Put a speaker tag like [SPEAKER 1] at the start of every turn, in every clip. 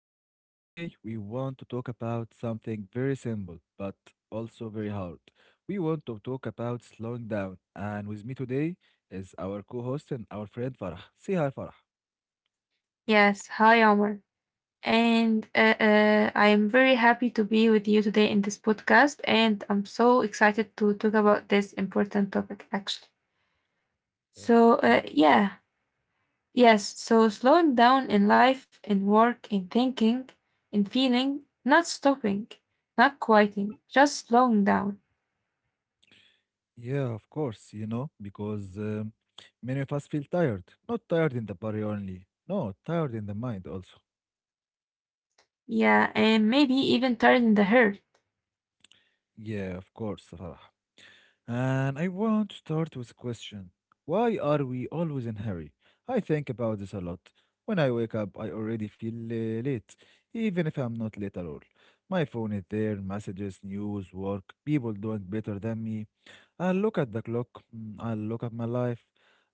[SPEAKER 1] back. Today, we want to talk about something very simple but also very hard. We want to talk about slowing down, and with me today is our co host and our friend Farah. Say hi, Farah.
[SPEAKER 2] Yes, hi Omar. And I am very happy to be with you today in this podcast. And I'm so excited to talk about this important topic, actually.
[SPEAKER 1] Yeah,
[SPEAKER 2] So,
[SPEAKER 1] thank
[SPEAKER 2] yeah, yes. So, slowing down in life, in work, in thinking, in feeling, not stopping, not quieting, just slowing down.
[SPEAKER 1] you. Yeah, of course, you know, because many of us feel tired. Not tired in the body only, no, tired in the mind also.
[SPEAKER 2] Yeah, and maybe even turning the hurt.
[SPEAKER 1] Yeah, of course, Farah. And I want to start with a question. Why are we always in hurry? I think about this a lot. When I wake up, I already feel late, even if I'm not late at all. My phone is there, messages, news, work, people doing better than me. I look at the clock, I look at my life,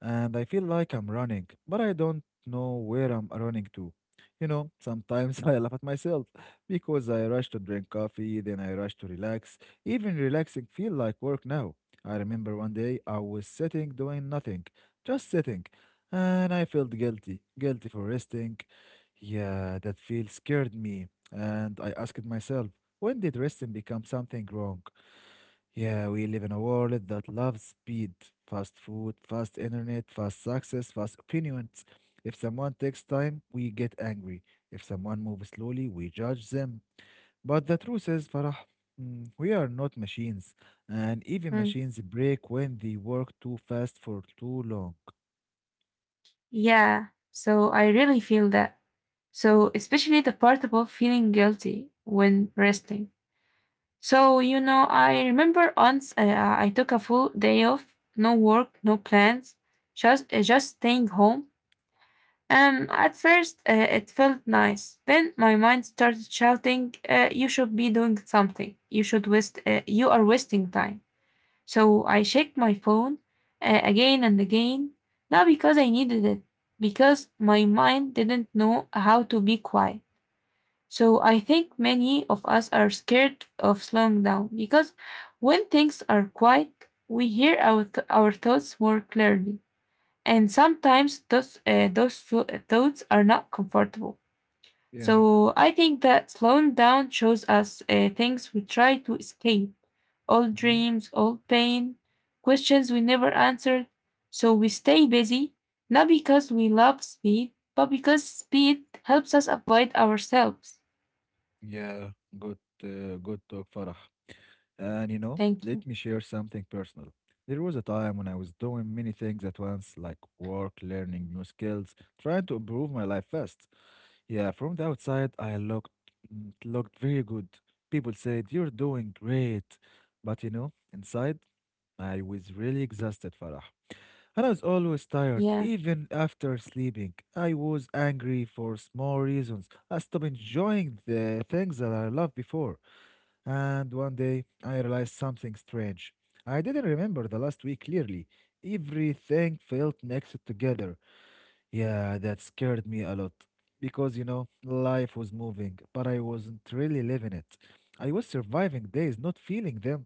[SPEAKER 1] and I feel like I'm running, but I don't know where I'm running to. You know, sometimes I laugh at myself because I rush to drink coffee, then I rush to relax. Even relaxing feel like work now. I remember one day I was sitting doing nothing, just sitting, and I felt guilty, guilty for resting. Yeah, that feel scared me, and I asked myself, when did resting become something wrong? Yeah, we live in a world that loves speed, fast food, fast internet, fast success, fast opinions. If someone takes time, we get angry. If someone moves slowly, we judge them. But the truth is, Farah, we are not machines, and even
[SPEAKER 2] Mm,
[SPEAKER 1] machines break when they work too fast for too long.
[SPEAKER 2] yeah, so I really feel that. So, especially the part about feeling guilty when resting. So, you know, I remember once I took a full day off, no work, no plans, just staying home. At first, it felt nice. Then my mind started shouting, "You should be doing something. You should waste. You are wasting time." So I checked my phone again and again, not because I needed it, because my mind didn't know how to be quiet. So I think many of us are scared of slowing down because when things are quiet, we hear our thoughts more clearly. And sometimes those thoughts are not comfortable.
[SPEAKER 1] Yeah.
[SPEAKER 2] So I think that slowing down shows us things we try to escape, old
[SPEAKER 1] Mhm.
[SPEAKER 2] dreams, old pain, questions we never answered. So we stay busy, not because we love speed, but because speed helps us avoid ourselves.
[SPEAKER 1] Yeah, good, good talk, Farah. And you know,
[SPEAKER 2] Thank
[SPEAKER 1] let
[SPEAKER 2] you.
[SPEAKER 1] me share something personal. There was a time when I was doing many things at once, like work, learning new skills, trying to improve my life fast. Yeah, from the outside, I looked very good. People said, "You're doing great," but you know, inside, I was really exhausted, Farah. And I was always tired,
[SPEAKER 2] Yeah,
[SPEAKER 1] even after sleeping. I was angry for small reasons. I stopped enjoying the things that I loved before. And one day I realized something strange. I didn't remember the last week clearly. Everything felt mixed together. Yeah, that scared me a lot. Because, you know, life was moving, but I wasn't really living it. I was surviving days, not feeling them.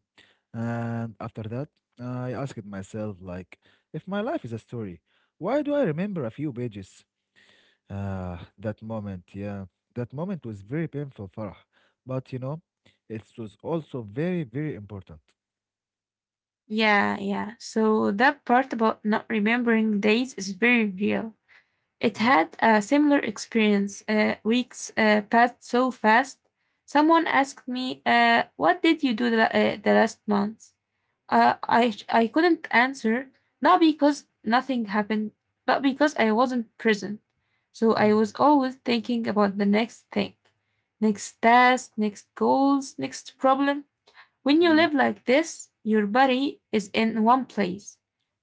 [SPEAKER 1] And after that, I asked myself, like, if my life is a story, why do I remember a few pages? Ah, that moment, yeah. That moment was very painful, Farah. But you know, it was also very, very important.
[SPEAKER 2] yeah. So that part about not remembering days is very real. It
[SPEAKER 1] Mm.
[SPEAKER 2] had a similar experience. Weeks passed so fast. Someone asked me, "What did you do the last month?" I couldn't answer, not because nothing happened, but because I wasn't present. So I was
[SPEAKER 1] Mm.
[SPEAKER 2] always thinking about the next thing, next task, next goals, next problem. When you live
[SPEAKER 1] Yeah.
[SPEAKER 2] like this, your body is in one place,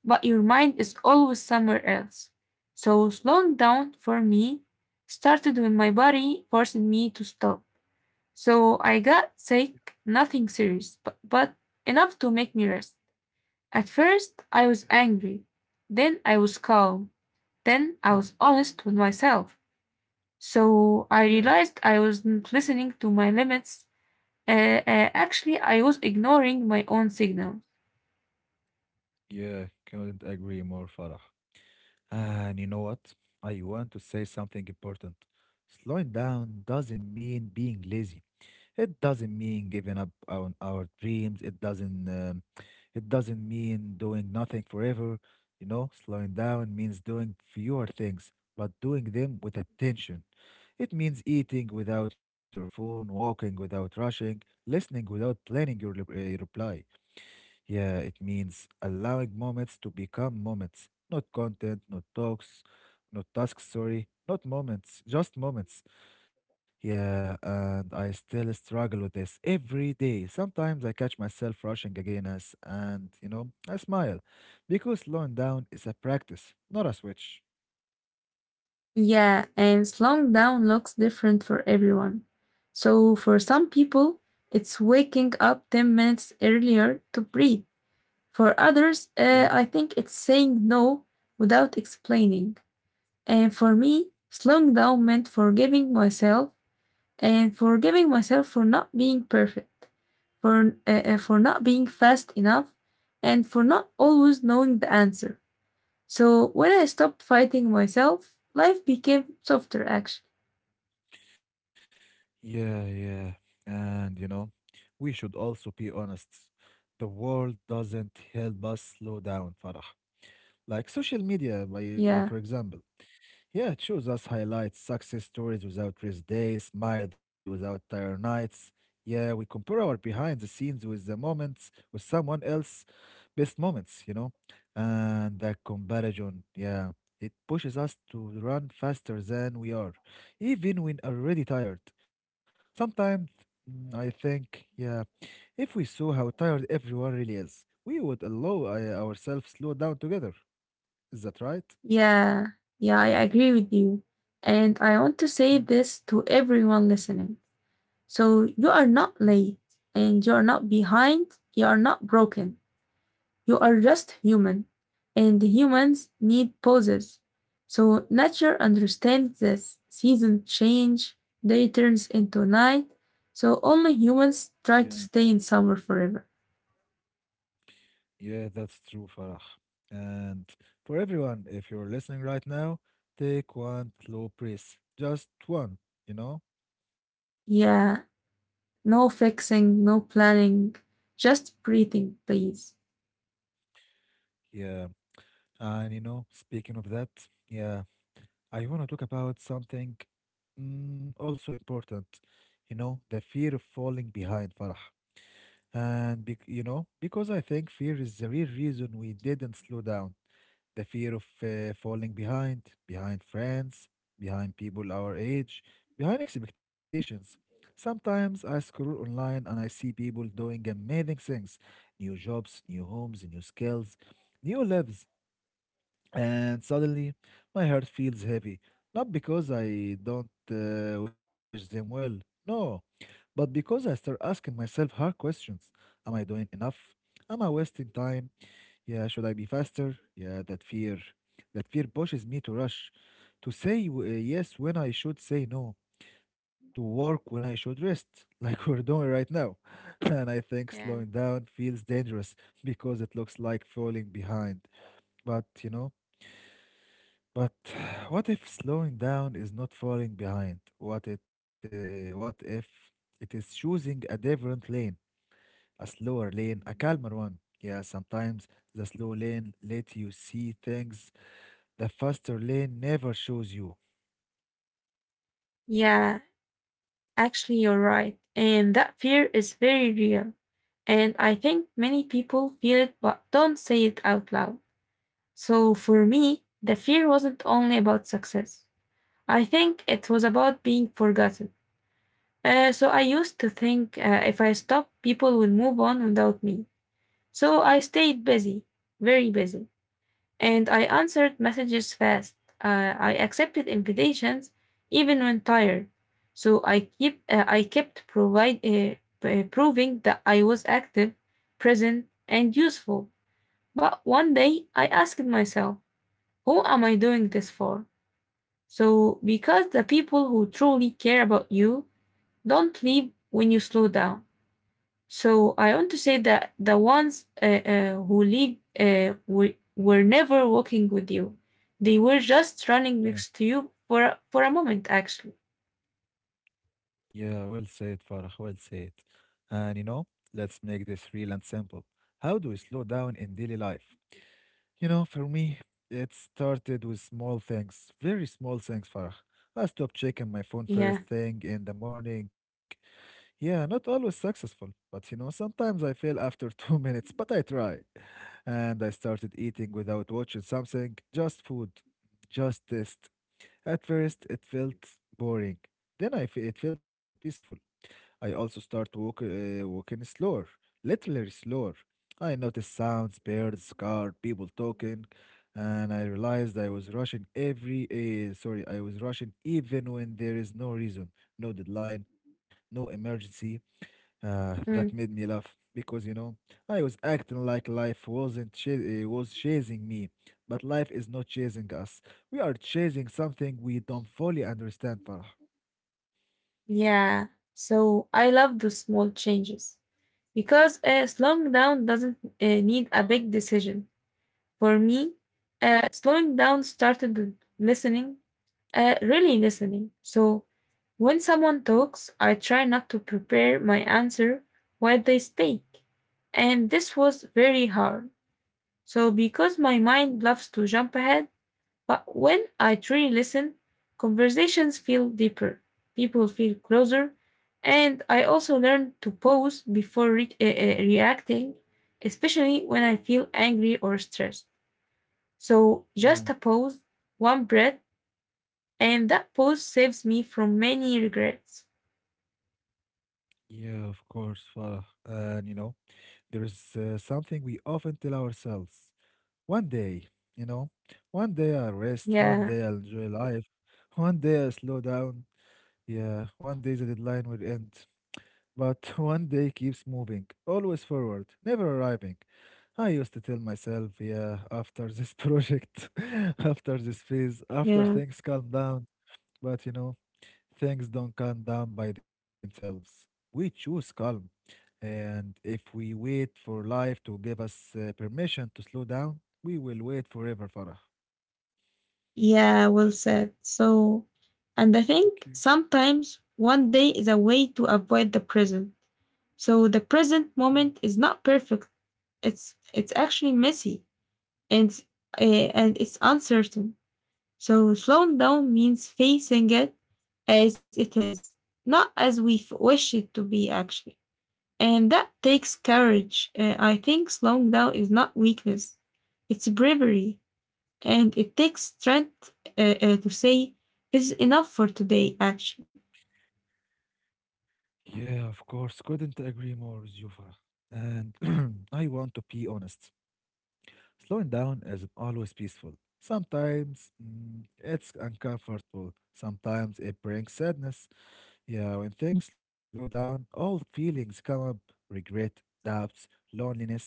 [SPEAKER 2] but your mind is always somewhere else. So slowing down for me started when my body forced me to stop. So I got sick, nothing serious, but enough to make me rest. At first, I
[SPEAKER 1] Yeah.
[SPEAKER 2] was angry, then I was calm, then I was
[SPEAKER 1] Mm.
[SPEAKER 2] honest with myself. So
[SPEAKER 1] Yeah,
[SPEAKER 2] I realized I wasn't listening to my limits. Actually, I was ignoring my own signal.
[SPEAKER 1] yeah, couldn't agree more, Farah. And you know what? I want to say something important. Slowing down doesn't mean being lazy. It doesn't mean giving up on our dreams. It doesn't mean doing nothing forever. You know, slowing down means doing fewer things, but doing them with attention. It means eating without your phone, walking without rushing, listening without planning your reply. Yeah, it means allowing moments to become moments, not content, not talks, not tasks, sorry, not moments, just moments. Yeah, and I still struggle with this every day. Sometimes I catch myself rushing again as, and you know, I smile because slowing down is a practice, not a switch.
[SPEAKER 2] Yeah, and slowing down looks different for everyone. So, for some people, it's waking up 10 minutes earlier to breathe. For others,
[SPEAKER 1] Yeah.
[SPEAKER 2] I think it's saying no without explaining. And for me, slowing down meant forgiving myself and forgiving myself for not being perfect, for not being fast enough, and for not always knowing the answer. So, when I stopped fighting myself, life became softer actually.
[SPEAKER 1] Yeah, yeah. And you know, we should also be honest. The world doesn't help us slow down, Farah. Like social media,
[SPEAKER 2] Yeah,
[SPEAKER 1] for example. Yeah, it shows us highlights, success stories without rest days, smiled without tired nights. Yeah, we compare our behind the scenes with the moments with someone else best moments, And that comparison, yeah, it pushes us to run faster than we are, even when already tired. Sometimes I think, yeah, if we saw how tired everyone really is, we would allow ourselves slow down together. Is that right?
[SPEAKER 2] yeah, yeah, I agree with you. And I want to say
[SPEAKER 1] Mm.
[SPEAKER 2] this to everyone listening. So you are
[SPEAKER 1] Mm.
[SPEAKER 2] not late and you are not behind, you are not broken. You are just human. And humans need pauses. So nature understands this. Seasons change, day turns into night. So only humans
[SPEAKER 1] Yeah.
[SPEAKER 2] try to stay in summer forever.
[SPEAKER 1] Yeah, that's true, Farah. And for everyone, if you're listening right now, take one slow breath. Just one, you know?
[SPEAKER 2] Yeah, no fixing, no planning, just breathing, please.
[SPEAKER 1] Yeah. And, you know, speaking of that, yeah, I want to talk about something also important, you know, the fear of falling behind, Farah. And, bec you know, because I think fear is the real reason we didn't slow down. The fear of falling behind, behind friends, behind people our age, behind expectations. Sometimes I scroll online and I see people doing amazing things, new jobs, new homes, new skills, new lives. And suddenly my heart feels heavy. Not because I don't wish them well, no, but because I start asking myself hard questions. Am I doing enough? Am I wasting time? Yeah, should I be faster? Yeah, that fear. That fear pushes me to rush, to say yes when I should say no, to work when I should rest, like we're doing right now. And I think slowing
[SPEAKER 2] Yeah.
[SPEAKER 1] down feels dangerous because it looks like falling behind. But, you know, but what if slowing down is not falling behind? What if it is choosing a different lane? A slower lane, a calmer one. Yeah, sometimes the slow lane lets you see things the faster lane never shows you.
[SPEAKER 2] Yeah, actually, you're right. And that fear is very real. And I think many people feel it but don't say it out loud. So for me, the fear wasn't only about success, I think it was about being forgotten. So I used to think if I stopped, people would move on without me. So I stayed busy, very busy, and I answered messages fast. I accepted invitations even when tired. So I kept proving that I was active, present, and useful. But one day I asked myself, who am I doing this for? So because the people who truly care about you don't leave when you slow down. So I want to say that the ones who leave were never walking with you. They were just running
[SPEAKER 1] Yeah.
[SPEAKER 2] next to you for a moment, actually.
[SPEAKER 1] Yeah, well said, Farah, well said. And you know, let's make this real and simple. How do we slow down in daily life? You know, for me, it started with small things, very small things, Farah. I stopped checking my phone
[SPEAKER 2] Yeah.
[SPEAKER 1] first thing in the morning. Yeah, not always successful, but you know, sometimes I fail after 2 minutes, but I try. And I started eating without watching something, just food, just taste. At first, it felt boring. It felt peaceful. I also walking slower, literally slower. I noticed sounds, birds, car, people talking, and I realized I was rushing even when there is no reason, no deadline, no emergency. That made
[SPEAKER 2] Mm.
[SPEAKER 1] me laugh because you know I was acting like life wasn't chas- was chasing me, but life is not chasing us. We are chasing something we don't fully understand, Farah.
[SPEAKER 2] Yeah. So I love the small changes because slowing down doesn't need a big decision. For me, slowing down started with listening. Really listening. So when someone talks, I try not to prepare my answer while they speak. And this was very hard. So because my mind loves to jump ahead, but when I truly listen, conversations feel deeper, people feel closer, and I also learn to pause before reacting, especially when I feel angry or stressed. So
[SPEAKER 1] Yeah,
[SPEAKER 2] just a pause, one breath, and that pause saves me from many regrets.
[SPEAKER 1] yeah, of course, Farah. And you know there is something we often tell ourselves: one day, you know, one day I'll rest,
[SPEAKER 2] Yeah.
[SPEAKER 1] one day I'll enjoy life, one day I'll slow down. Yeah, one day the deadline will end. But one day keeps moving, always forward, never arriving. I used to tell myself, yeah, after this project, after this phase, after
[SPEAKER 2] Yeah,
[SPEAKER 1] things calm down. But you know, things don't calm down by themselves. We choose calm. And if we wait for life to give us permission to slow down, we will wait forever, Farah.
[SPEAKER 2] yeah, well said. So, and I
[SPEAKER 1] Thank
[SPEAKER 2] think
[SPEAKER 1] you.
[SPEAKER 2] sometimes one day is a way to avoid the present. So the present
[SPEAKER 1] Mm.
[SPEAKER 2] moment is not perfect. It's actually messy and uh, and it's uncertain. So slowing down means facing it as it is, not as we wish it to be, actually. And that takes courage. I think slowing down is not weakness, it's bravery. And it takes strength to say, this is enough for today, actually.
[SPEAKER 1] Yeah, of course. Couldn't agree more with you, Farah. And I want to be honest. Slowing down isn't always peaceful. Sometimes it's uncomfortable. Sometimes it brings sadness. Yeah, when things slow down, all feelings come up, regret, doubts, loneliness.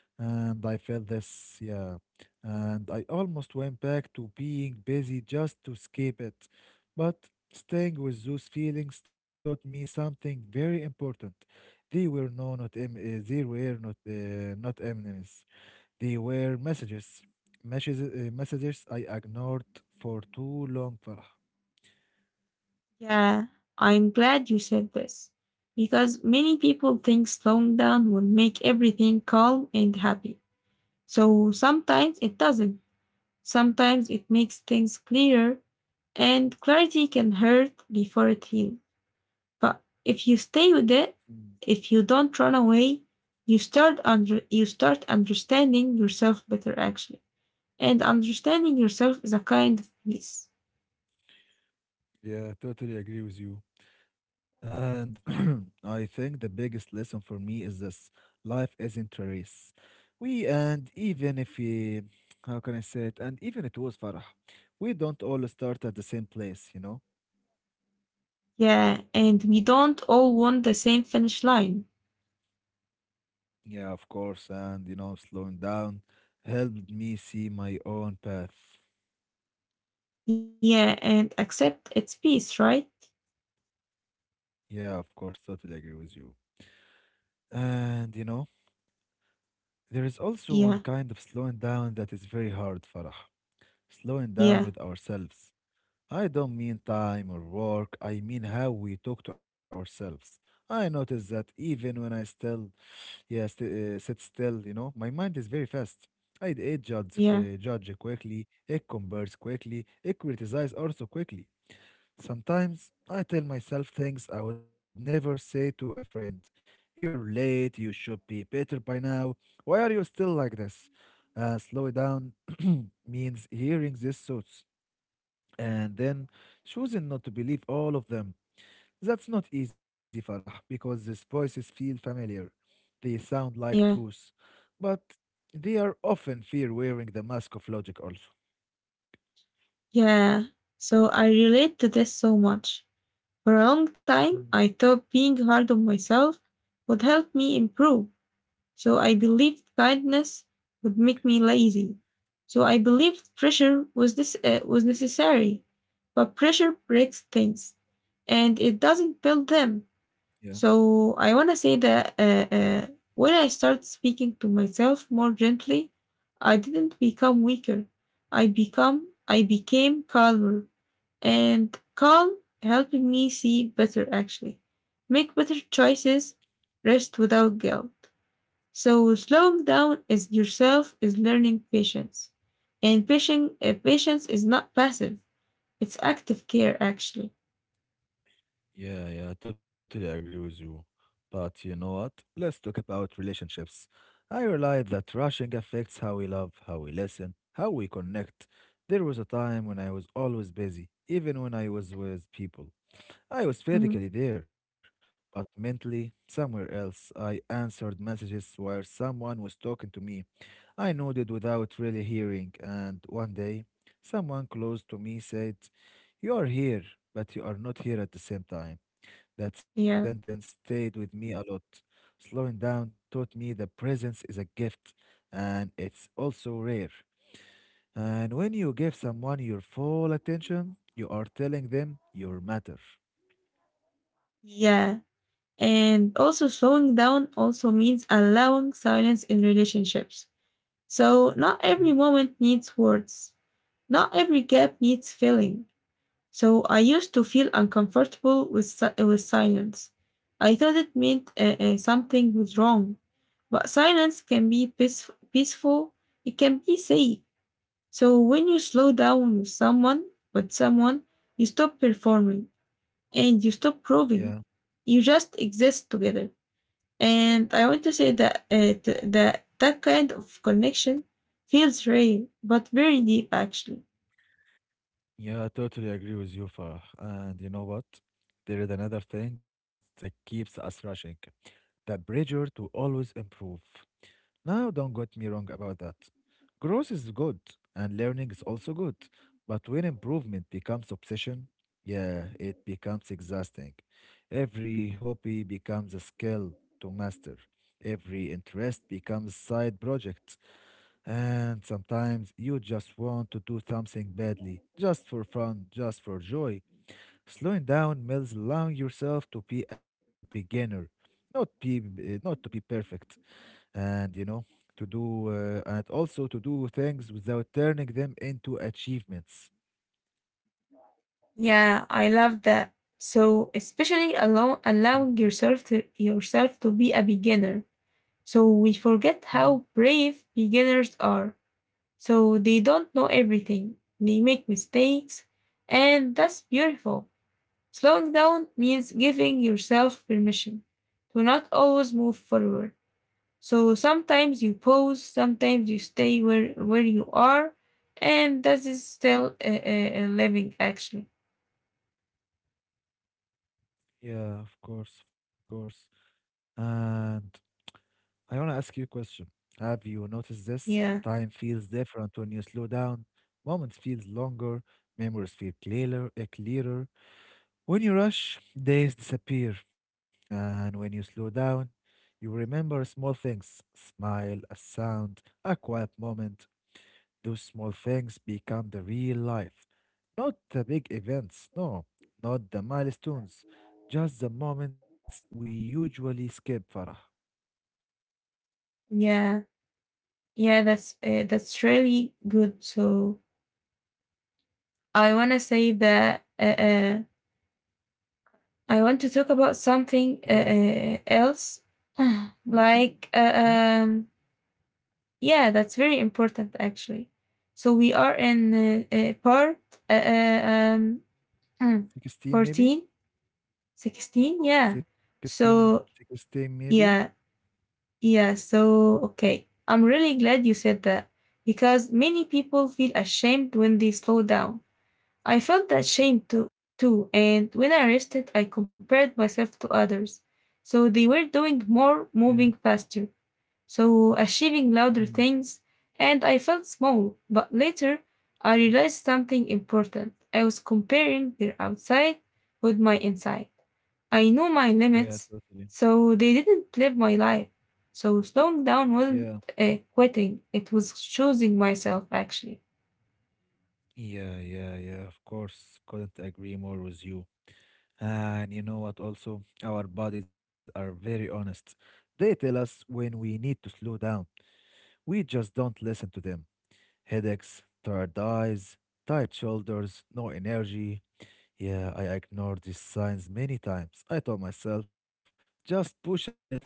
[SPEAKER 1] And I felt this, yeah. And I almost went back to being busy just to escape it. But staying with those feelings taught me something very important. They were no, not em- they were not enemies. They were messages, messages I ignored for too long, Farah.
[SPEAKER 2] Yeah, I'm glad you said this, because many people think slowing down will make everything calm and happy. So sometimes it doesn't. Sometimes it makes things clearer, and clarity can hurt before it heals. But if you stay with it,
[SPEAKER 1] Mm.
[SPEAKER 2] if you don't run away, you start understanding yourself better actually. And understanding yourself is a kind of peace.
[SPEAKER 1] Yeah, totally agree with you. And I think the biggest lesson for me is this, life isn't a race. We, and even if we, how can I say it, and even it was Farah, we don't all start at the same place, you know?
[SPEAKER 2] Yeah, and we don't all want the same finish line.
[SPEAKER 1] Yeah, of course. And, you know, slowing down helped me see my own path.
[SPEAKER 2] Yeah, and accept its peace, right?
[SPEAKER 1] Yeah, of course, totally agree with you. And, you know, there is also one
[SPEAKER 2] Yeah,
[SPEAKER 1] kind of slowing down that is very hard, Farah. Slowing down
[SPEAKER 2] yeah,
[SPEAKER 1] with ourselves. I don't mean time or work, I mean how we talk to ourselves. I notice that even when I yeah, st- sit still, you know, my mind is very fast. It judges,
[SPEAKER 2] yeah,
[SPEAKER 1] judge quickly, it compares quickly, it criticizes also quickly. Sometimes I tell myself things I would never say to a friend. You're late, you should be better by now. Why are you still like this? Slow it down means hearing these thoughts and then choosing not to believe all of them. That's not easy, Farah, because these voices feel familiar. They sound like
[SPEAKER 2] yeah,
[SPEAKER 1] truth, but they are often fear wearing the mask of logic also.
[SPEAKER 2] yeah. So I relate to this so much. For a long time, I thought
[SPEAKER 1] Mm.
[SPEAKER 2] being hard on myself would help me improve. So I believed kindness would make me lazy. So I believed pressure was necessary, but pressure breaks things and it doesn't build them.
[SPEAKER 1] Yeah.
[SPEAKER 2] So I want to say that when I started speaking to myself more gently, I didn't become weaker. I became calmer, and calm helping me see better actually, make better choices, rest without guilt. So slowing down is yourself is learning patience. And patience is not passive. It's active care actually.
[SPEAKER 1] Yeah, yeah, I totally agree with you. But you know what? Let's talk about relationships. I realized that rushing affects how we love, how we listen, how we connect. There was a time when I was always busy, even when I was with people. I was
[SPEAKER 2] Mhm.
[SPEAKER 1] physically there, but mentally somewhere else. I answered messages while someone was talking to me. I nodded without really hearing, and one day, someone close to me said, "You are here, but you are not here at the same time." That
[SPEAKER 2] Yeah.
[SPEAKER 1] sentence stayed with me a lot. Slowing down taught me that presence is a gift and it's also rare. And when you give someone your full attention, you are telling them you matter.
[SPEAKER 2] Yeah. And also slowing down also means allowing silence in relationships. So not
[SPEAKER 1] Mhm.
[SPEAKER 2] every moment needs words. Not every gap needs filling. So I used to feel uncomfortable with silence. I thought it meant something was wrong. But silence can be peaceful, it can be safe. So when you slow down with someone, you stop performing and you stop proving.
[SPEAKER 1] Yeah.
[SPEAKER 2] You just exist together. And I want to say that that kind of connection feels rare, but very deep actually.
[SPEAKER 1] Yeah, I totally agree with you, Farah. And you know what? There is another thing that keeps us rushing. The pressure to always improve. Now, don't get me wrong about that. Growth is good and learning is also good. But when improvement becomes obsession, yeah, it becomes exhausting. Every hobby becomes a skill to master. Every interest becomes side project. And sometimes you just want to do something badly, just for fun, just for joy. Slowing down means allowing yourself to be a beginner, not to be perfect, and you know, to do and also to do things without turning them into achievements.
[SPEAKER 2] Yeah, I love that. So especially
[SPEAKER 1] Thank you.
[SPEAKER 2] allowing yourself to be a beginner. So we forget
[SPEAKER 1] Mhm.
[SPEAKER 2] how brave beginners are. So they don't know everything. They make mistakes, and that's beautiful. Slowing down means giving yourself permission to not always move forward. So sometimes you pause, sometimes you stay where you are, and that is still a living actually.
[SPEAKER 1] Yeah, of course, of course. And I want to ask you a question. Have you noticed this
[SPEAKER 2] Yeah,
[SPEAKER 1] time feels different when you slow down? Moments feel longer, memories feel clearer. When you rush, days disappear, and when you slow down, you remember small things, smile, a sound, a quiet moment. Those small things become the real life, not the big events, no, not the milestones, just the moments we usually skip, Farah.
[SPEAKER 2] yeah. Yeah, that's really good. So I want to say that I want to talk about
[SPEAKER 1] Yeah,
[SPEAKER 2] something else, like
[SPEAKER 1] mhm,
[SPEAKER 2] uh, um, yeah, that's very important actually. So we are in part uh, uh, um,
[SPEAKER 1] 16 maybe,
[SPEAKER 2] 14, 16, yeah.
[SPEAKER 1] 16,
[SPEAKER 2] So
[SPEAKER 1] 16 maybe.
[SPEAKER 2] yeah, yeah. So okay, I'm really glad you said that because many people feel ashamed when they slow down. I felt ashamed too, and when I rested, I compared myself to others. So they were doing more,
[SPEAKER 1] Yeah,
[SPEAKER 2] moving faster, so achieving louder
[SPEAKER 1] mhm,
[SPEAKER 2] things, and I felt small. But later, I
[SPEAKER 1] mhm.
[SPEAKER 2] realized something important. I was comparing their outside with my inside. I knew my
[SPEAKER 1] Yeah,
[SPEAKER 2] limits,
[SPEAKER 1] totally.
[SPEAKER 2] so they didn't live my life. So slowing down wasn't
[SPEAKER 1] Yeah,
[SPEAKER 2] quitting, it was choosing myself actually.
[SPEAKER 1] yeah, yeah, yeah, of course. Couldn't agree more with you. And you know what, also, our bodies are very honest. They tell us when we need to slow down. We just don't listen to them. Headaches, tired eyes, tight shoulders, no energy. Yeah, I ignored these signs many times. I told myself, just push a little more.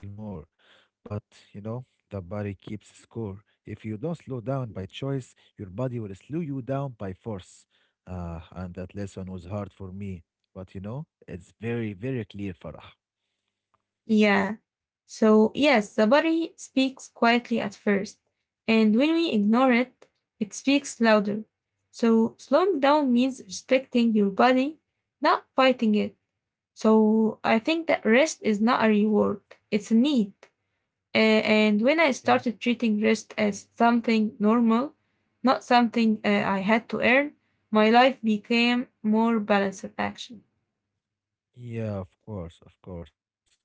[SPEAKER 1] But, you know, the body keeps score. If you don't slow down by choice, your body will slow you down by force. Ah, and that lesson was hard for me. But, you know, it's very, very clear, Farah.
[SPEAKER 2] Yeah. So, yes, the body speaks quietly at first, and when we ignore it, it speaks louder. So, slowing down means respecting your body, not fighting it. So, I think that rest is not a reward, it's a need. A- and when I
[SPEAKER 1] Yeah.
[SPEAKER 2] started treating rest as something normal, not something I had to earn, my life became more balanced action.
[SPEAKER 1] Yeah, of course, of course.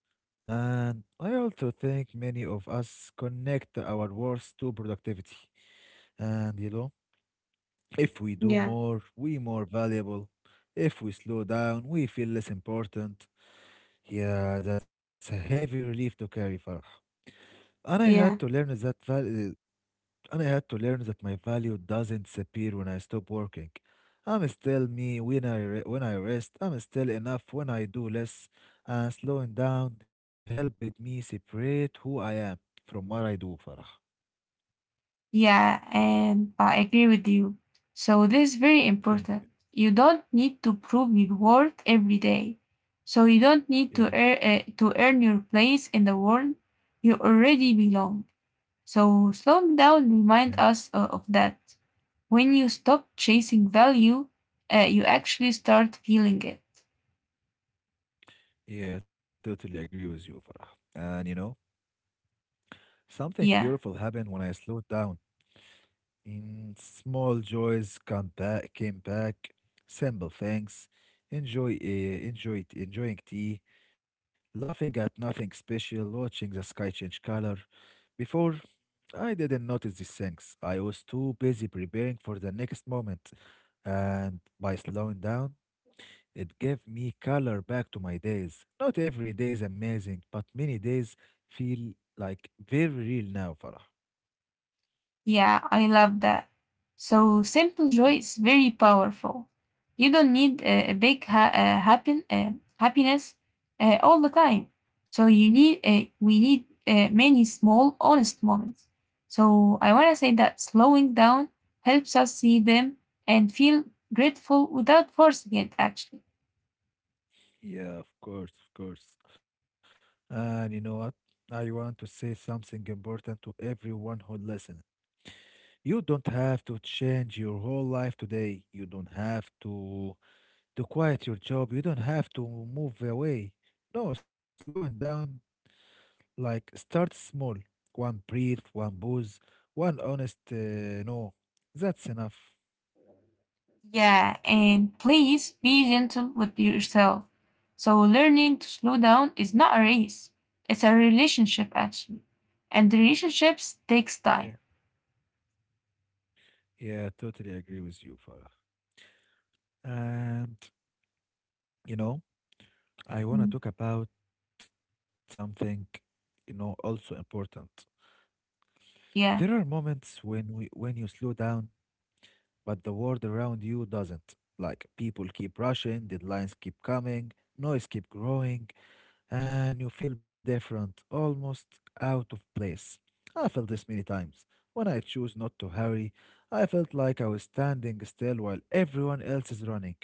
[SPEAKER 1] And I also think many of us connect our worth to productivity. And you know, if we do
[SPEAKER 2] Yeah,
[SPEAKER 1] more, we more valuable. If we slow down, we feel less important. Yeah, that's a heavy relief to carry, Farah. And I had to
[SPEAKER 2] yeah.
[SPEAKER 1] learn that val- And I had to learn that my value doesn't disappear when I stop working. I'm still me when I rest. I'm still enough when I do less. And slowing down helped me separate who I am from what I do, Farah.
[SPEAKER 2] Yeah, and I agree with you. So this is very
[SPEAKER 1] Thank
[SPEAKER 2] important.
[SPEAKER 1] you.
[SPEAKER 2] You don't need to prove your worth every day. So you don't need to
[SPEAKER 1] Yeah.
[SPEAKER 2] earn your place in the world. You already belong. So slowing down
[SPEAKER 1] Yeah.
[SPEAKER 2] remind us of that. When you stop chasing value, you actually start feeling it.
[SPEAKER 1] Yeah, I totally agree with you, Farah. And you know, something beautiful
[SPEAKER 2] Yeah.
[SPEAKER 1] happened when I slowed down. In small joys came back. Simple things. Enjoying tea, laughing at nothing special, watching the sky change color. Before, I didn't notice these things. I was too busy preparing for the next moment, and by slowing down, it gave me color back to my days. Not every day is amazing, but many days feel like very real now, Farah.
[SPEAKER 2] Yeah, I love that. So simple joy
[SPEAKER 1] Thank
[SPEAKER 2] is
[SPEAKER 1] you.
[SPEAKER 2] very powerful. You don't need a big ha- happen happiness all the time. So you need we need many small honest moments. So I want to say that slowing down helps us see them and feel grateful without forcing it actually.
[SPEAKER 1] Yeah, of course, of course. And you know what? I want to say something important to everyone who listens. You don't have to change your whole life today. You don't have to quit your job. You don't have to move away. No, slowing down like start small. One breathe, one pause, one honest no. That's enough.
[SPEAKER 2] Yeah, and please be gentle with yourself. So, learning to slow down is not a race, it's a relationship actually. And relationships takes
[SPEAKER 1] Yeah.
[SPEAKER 2] time.
[SPEAKER 1] Yeah, totally agree with you, Farah. And you know, I want to
[SPEAKER 2] Mm,
[SPEAKER 1] talk about something, you know, also important. There are
[SPEAKER 2] yeah.
[SPEAKER 1] moments when you slow down, but the world around you doesn't. Like people keep rushing, deadlines keep coming, noise keep growing, and you feel different, almost out of place. I felt this many times. When I choose not to hurry, I felt like I was standing still while everyone else is running.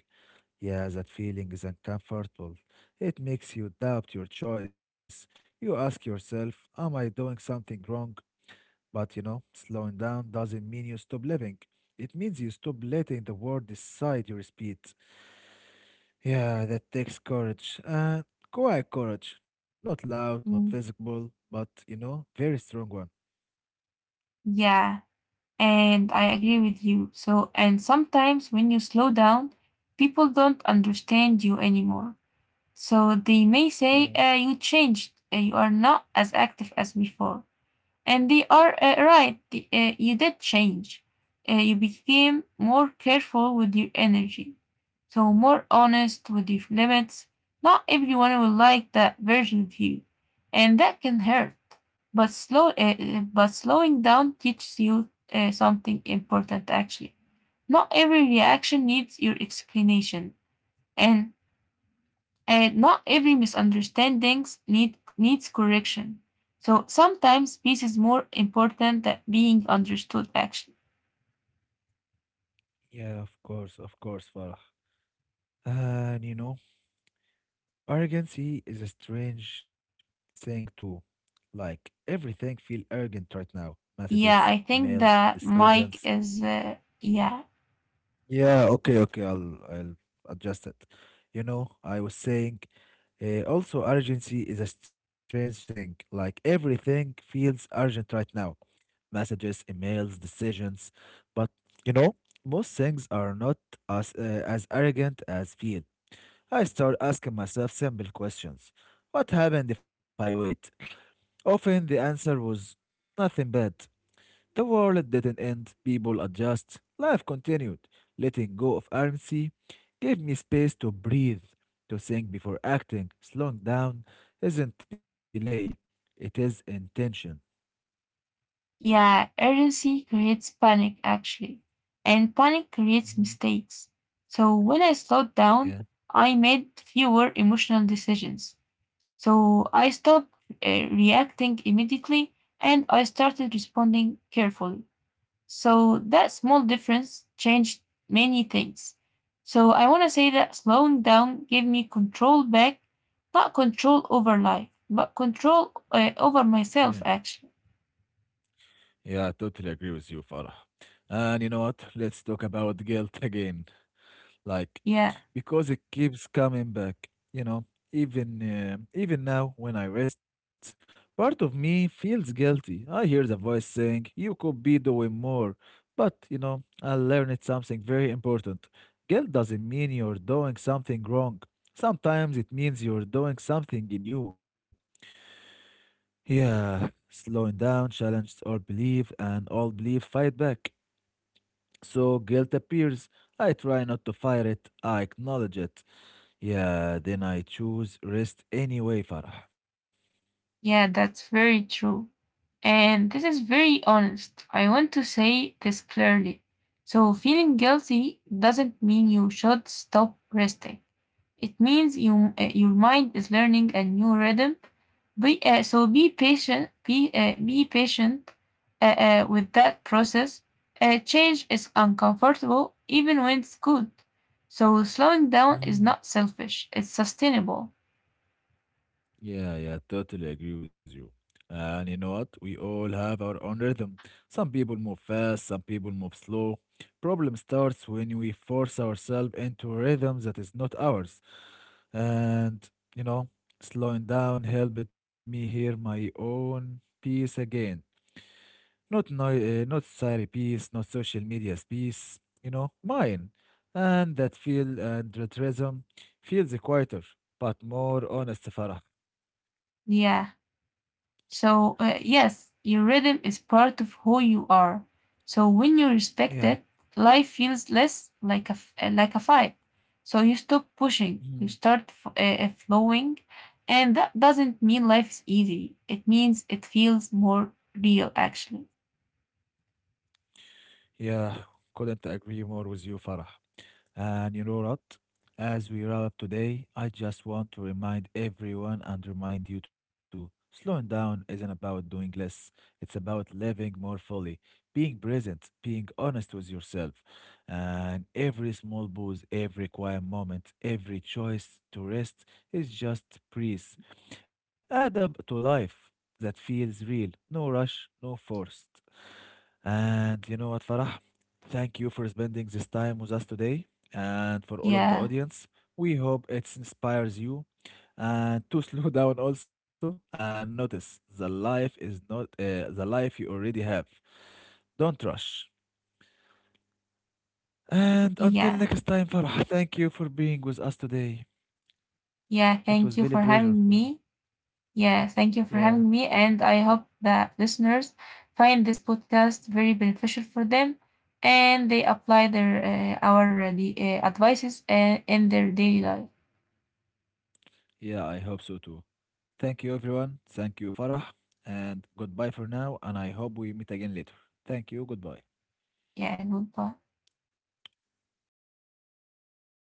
[SPEAKER 1] Yeah, that feeling is uncomfortable. It makes you doubt your choice. You ask yourself, "Am I doing something wrong?" But you know, slowing down doesn't mean you stop living. It means you stop letting the world decide your speed. Yeah, that takes courage. And quiet courage. Not loud, not
[SPEAKER 2] Mm,
[SPEAKER 1] visible, but you know, very strong one.
[SPEAKER 2] yeah. And I agree with you. So, and sometimes when you slow down, people don't understand you anymore. So, they may say,
[SPEAKER 1] Yeah,
[SPEAKER 2] you changed, you are not as active as before. And they are right. You did change. You became more careful with your energy. So more honest with your limits. Not everyone will like that version of you. And that can hurt. But slowing down teaches you something important actually. Not every reaction needs your explanation. And not every misunderstandings needs correction. So sometimes peace is more important than being understood actually.
[SPEAKER 1] yeah, of course, Farah. And you know, arrogancy is a strange thing too. Like everything feel arrogant right now. Messages,
[SPEAKER 2] Yeah, I think
[SPEAKER 1] emails,
[SPEAKER 2] that Mike
[SPEAKER 1] decisions.
[SPEAKER 2] is yeah.
[SPEAKER 1] Yeah, okay, okay. I'll adjust it. You know, I was saying, also urgency is a strange thing. Like everything feels urgent right now. Messages, emails, decisions, but you know, most things are not as arrogant as feel. I start asking myself simple questions. What happened if I wait? Often the answer was nothing bad. The world didn't end, people adjust, life continued. Letting go of urgency gave me space to breathe, to think before acting. Slowing down isn't delay, it is intention.
[SPEAKER 2] Yeah, urgency creates panic actually. And panic creates
[SPEAKER 1] Mhm.
[SPEAKER 2] mistakes. So when I slowed down,
[SPEAKER 1] Yeah,
[SPEAKER 2] I made fewer emotional decisions. So I stopped reacting immediately and I started responding carefully. So that small difference changed many things. So I want to say that slowing down gave me control back, not control over life, but control over
[SPEAKER 1] yeah.
[SPEAKER 2] myself, actually.
[SPEAKER 1] Yeah, I totally agree with you, Farah. And you know what? Let's talk about guilt again. Like,
[SPEAKER 2] Yeah,
[SPEAKER 1] because it keeps coming back, you know, even now when I rest, part of me feels guilty. I hear the voice saying you could be doing more. But you know, I learned something very important. Guilt doesn't mean you're doing something wrong. Sometimes it means you're doing something in you. Yeah, slowing down challenge, old belief and old belief fight back, so guilt appears. I try not to fight it, I acknowledge it. Yeah, then I choose rest anyway, Farah.
[SPEAKER 2] yeah, that's very true. And this is very honest. I want to say this clearly. So feeling guilty doesn't mean you should stop resting. It means your mind is learning a new rhythm. So be patient with that process. Change is uncomfortable, even when it's good. So slowing down is
[SPEAKER 1] Mhm.
[SPEAKER 2] not selfish. It's sustainable.
[SPEAKER 1] Yeah, yeah, totally agree with you. And you know what? We all have our own rhythm. Some people move fast, some people move slow. Problem starts when we force ourselves into a rhythm that is not ours. And you know, slowing down helped me hear my own peace again. Not society peace, not social media piece. You know, mine. And that rhythm feels quieter, but more honest, Farah.
[SPEAKER 2] Yeah. So, yes, your rhythm is part of who you are. So, when you respect
[SPEAKER 1] Yeah.
[SPEAKER 2] it, life feels less like like a fight. So, you stop pushing, you
[SPEAKER 1] Mhm.
[SPEAKER 2] start flowing. And that doesn't mean life is easy, it means it feels more real, actually.
[SPEAKER 1] Yeah, couldn't agree more with you, Farah. And you know what? As we wrap up today, I just want to remind everyone and remind you too, slowing down isn't about doing less, it's about living more fully, being present, being honest with yourself. And every small pause, every quiet moment, every choice to rest is just breeze. Add up to life that feels real, no rush, no forced. And you know what, Farah? Thank you for spending this time with us today and for all of the
[SPEAKER 2] Yeah,
[SPEAKER 1] audience. We hope it inspires you and to slow down also and notice the life is not the life you already have. Don't rush. And until
[SPEAKER 2] yeah,
[SPEAKER 1] next time, Farah, thank you for being with us today.
[SPEAKER 2] yeah.
[SPEAKER 1] It
[SPEAKER 2] Thank
[SPEAKER 1] was
[SPEAKER 2] you
[SPEAKER 1] very
[SPEAKER 2] for
[SPEAKER 1] pleasure.
[SPEAKER 2] having me. Yeah, thank you for
[SPEAKER 1] Yeah,
[SPEAKER 2] having me. And I hope that listeners find this podcast very beneficial for them and they apply the advices in their daily life.
[SPEAKER 1] yeah, I hope so too. Thank you, everyone. Thank you, Farah. And goodbye for now. And I hope we meet again later. Thank you. Goodbye.
[SPEAKER 2] Yeah, goodbye.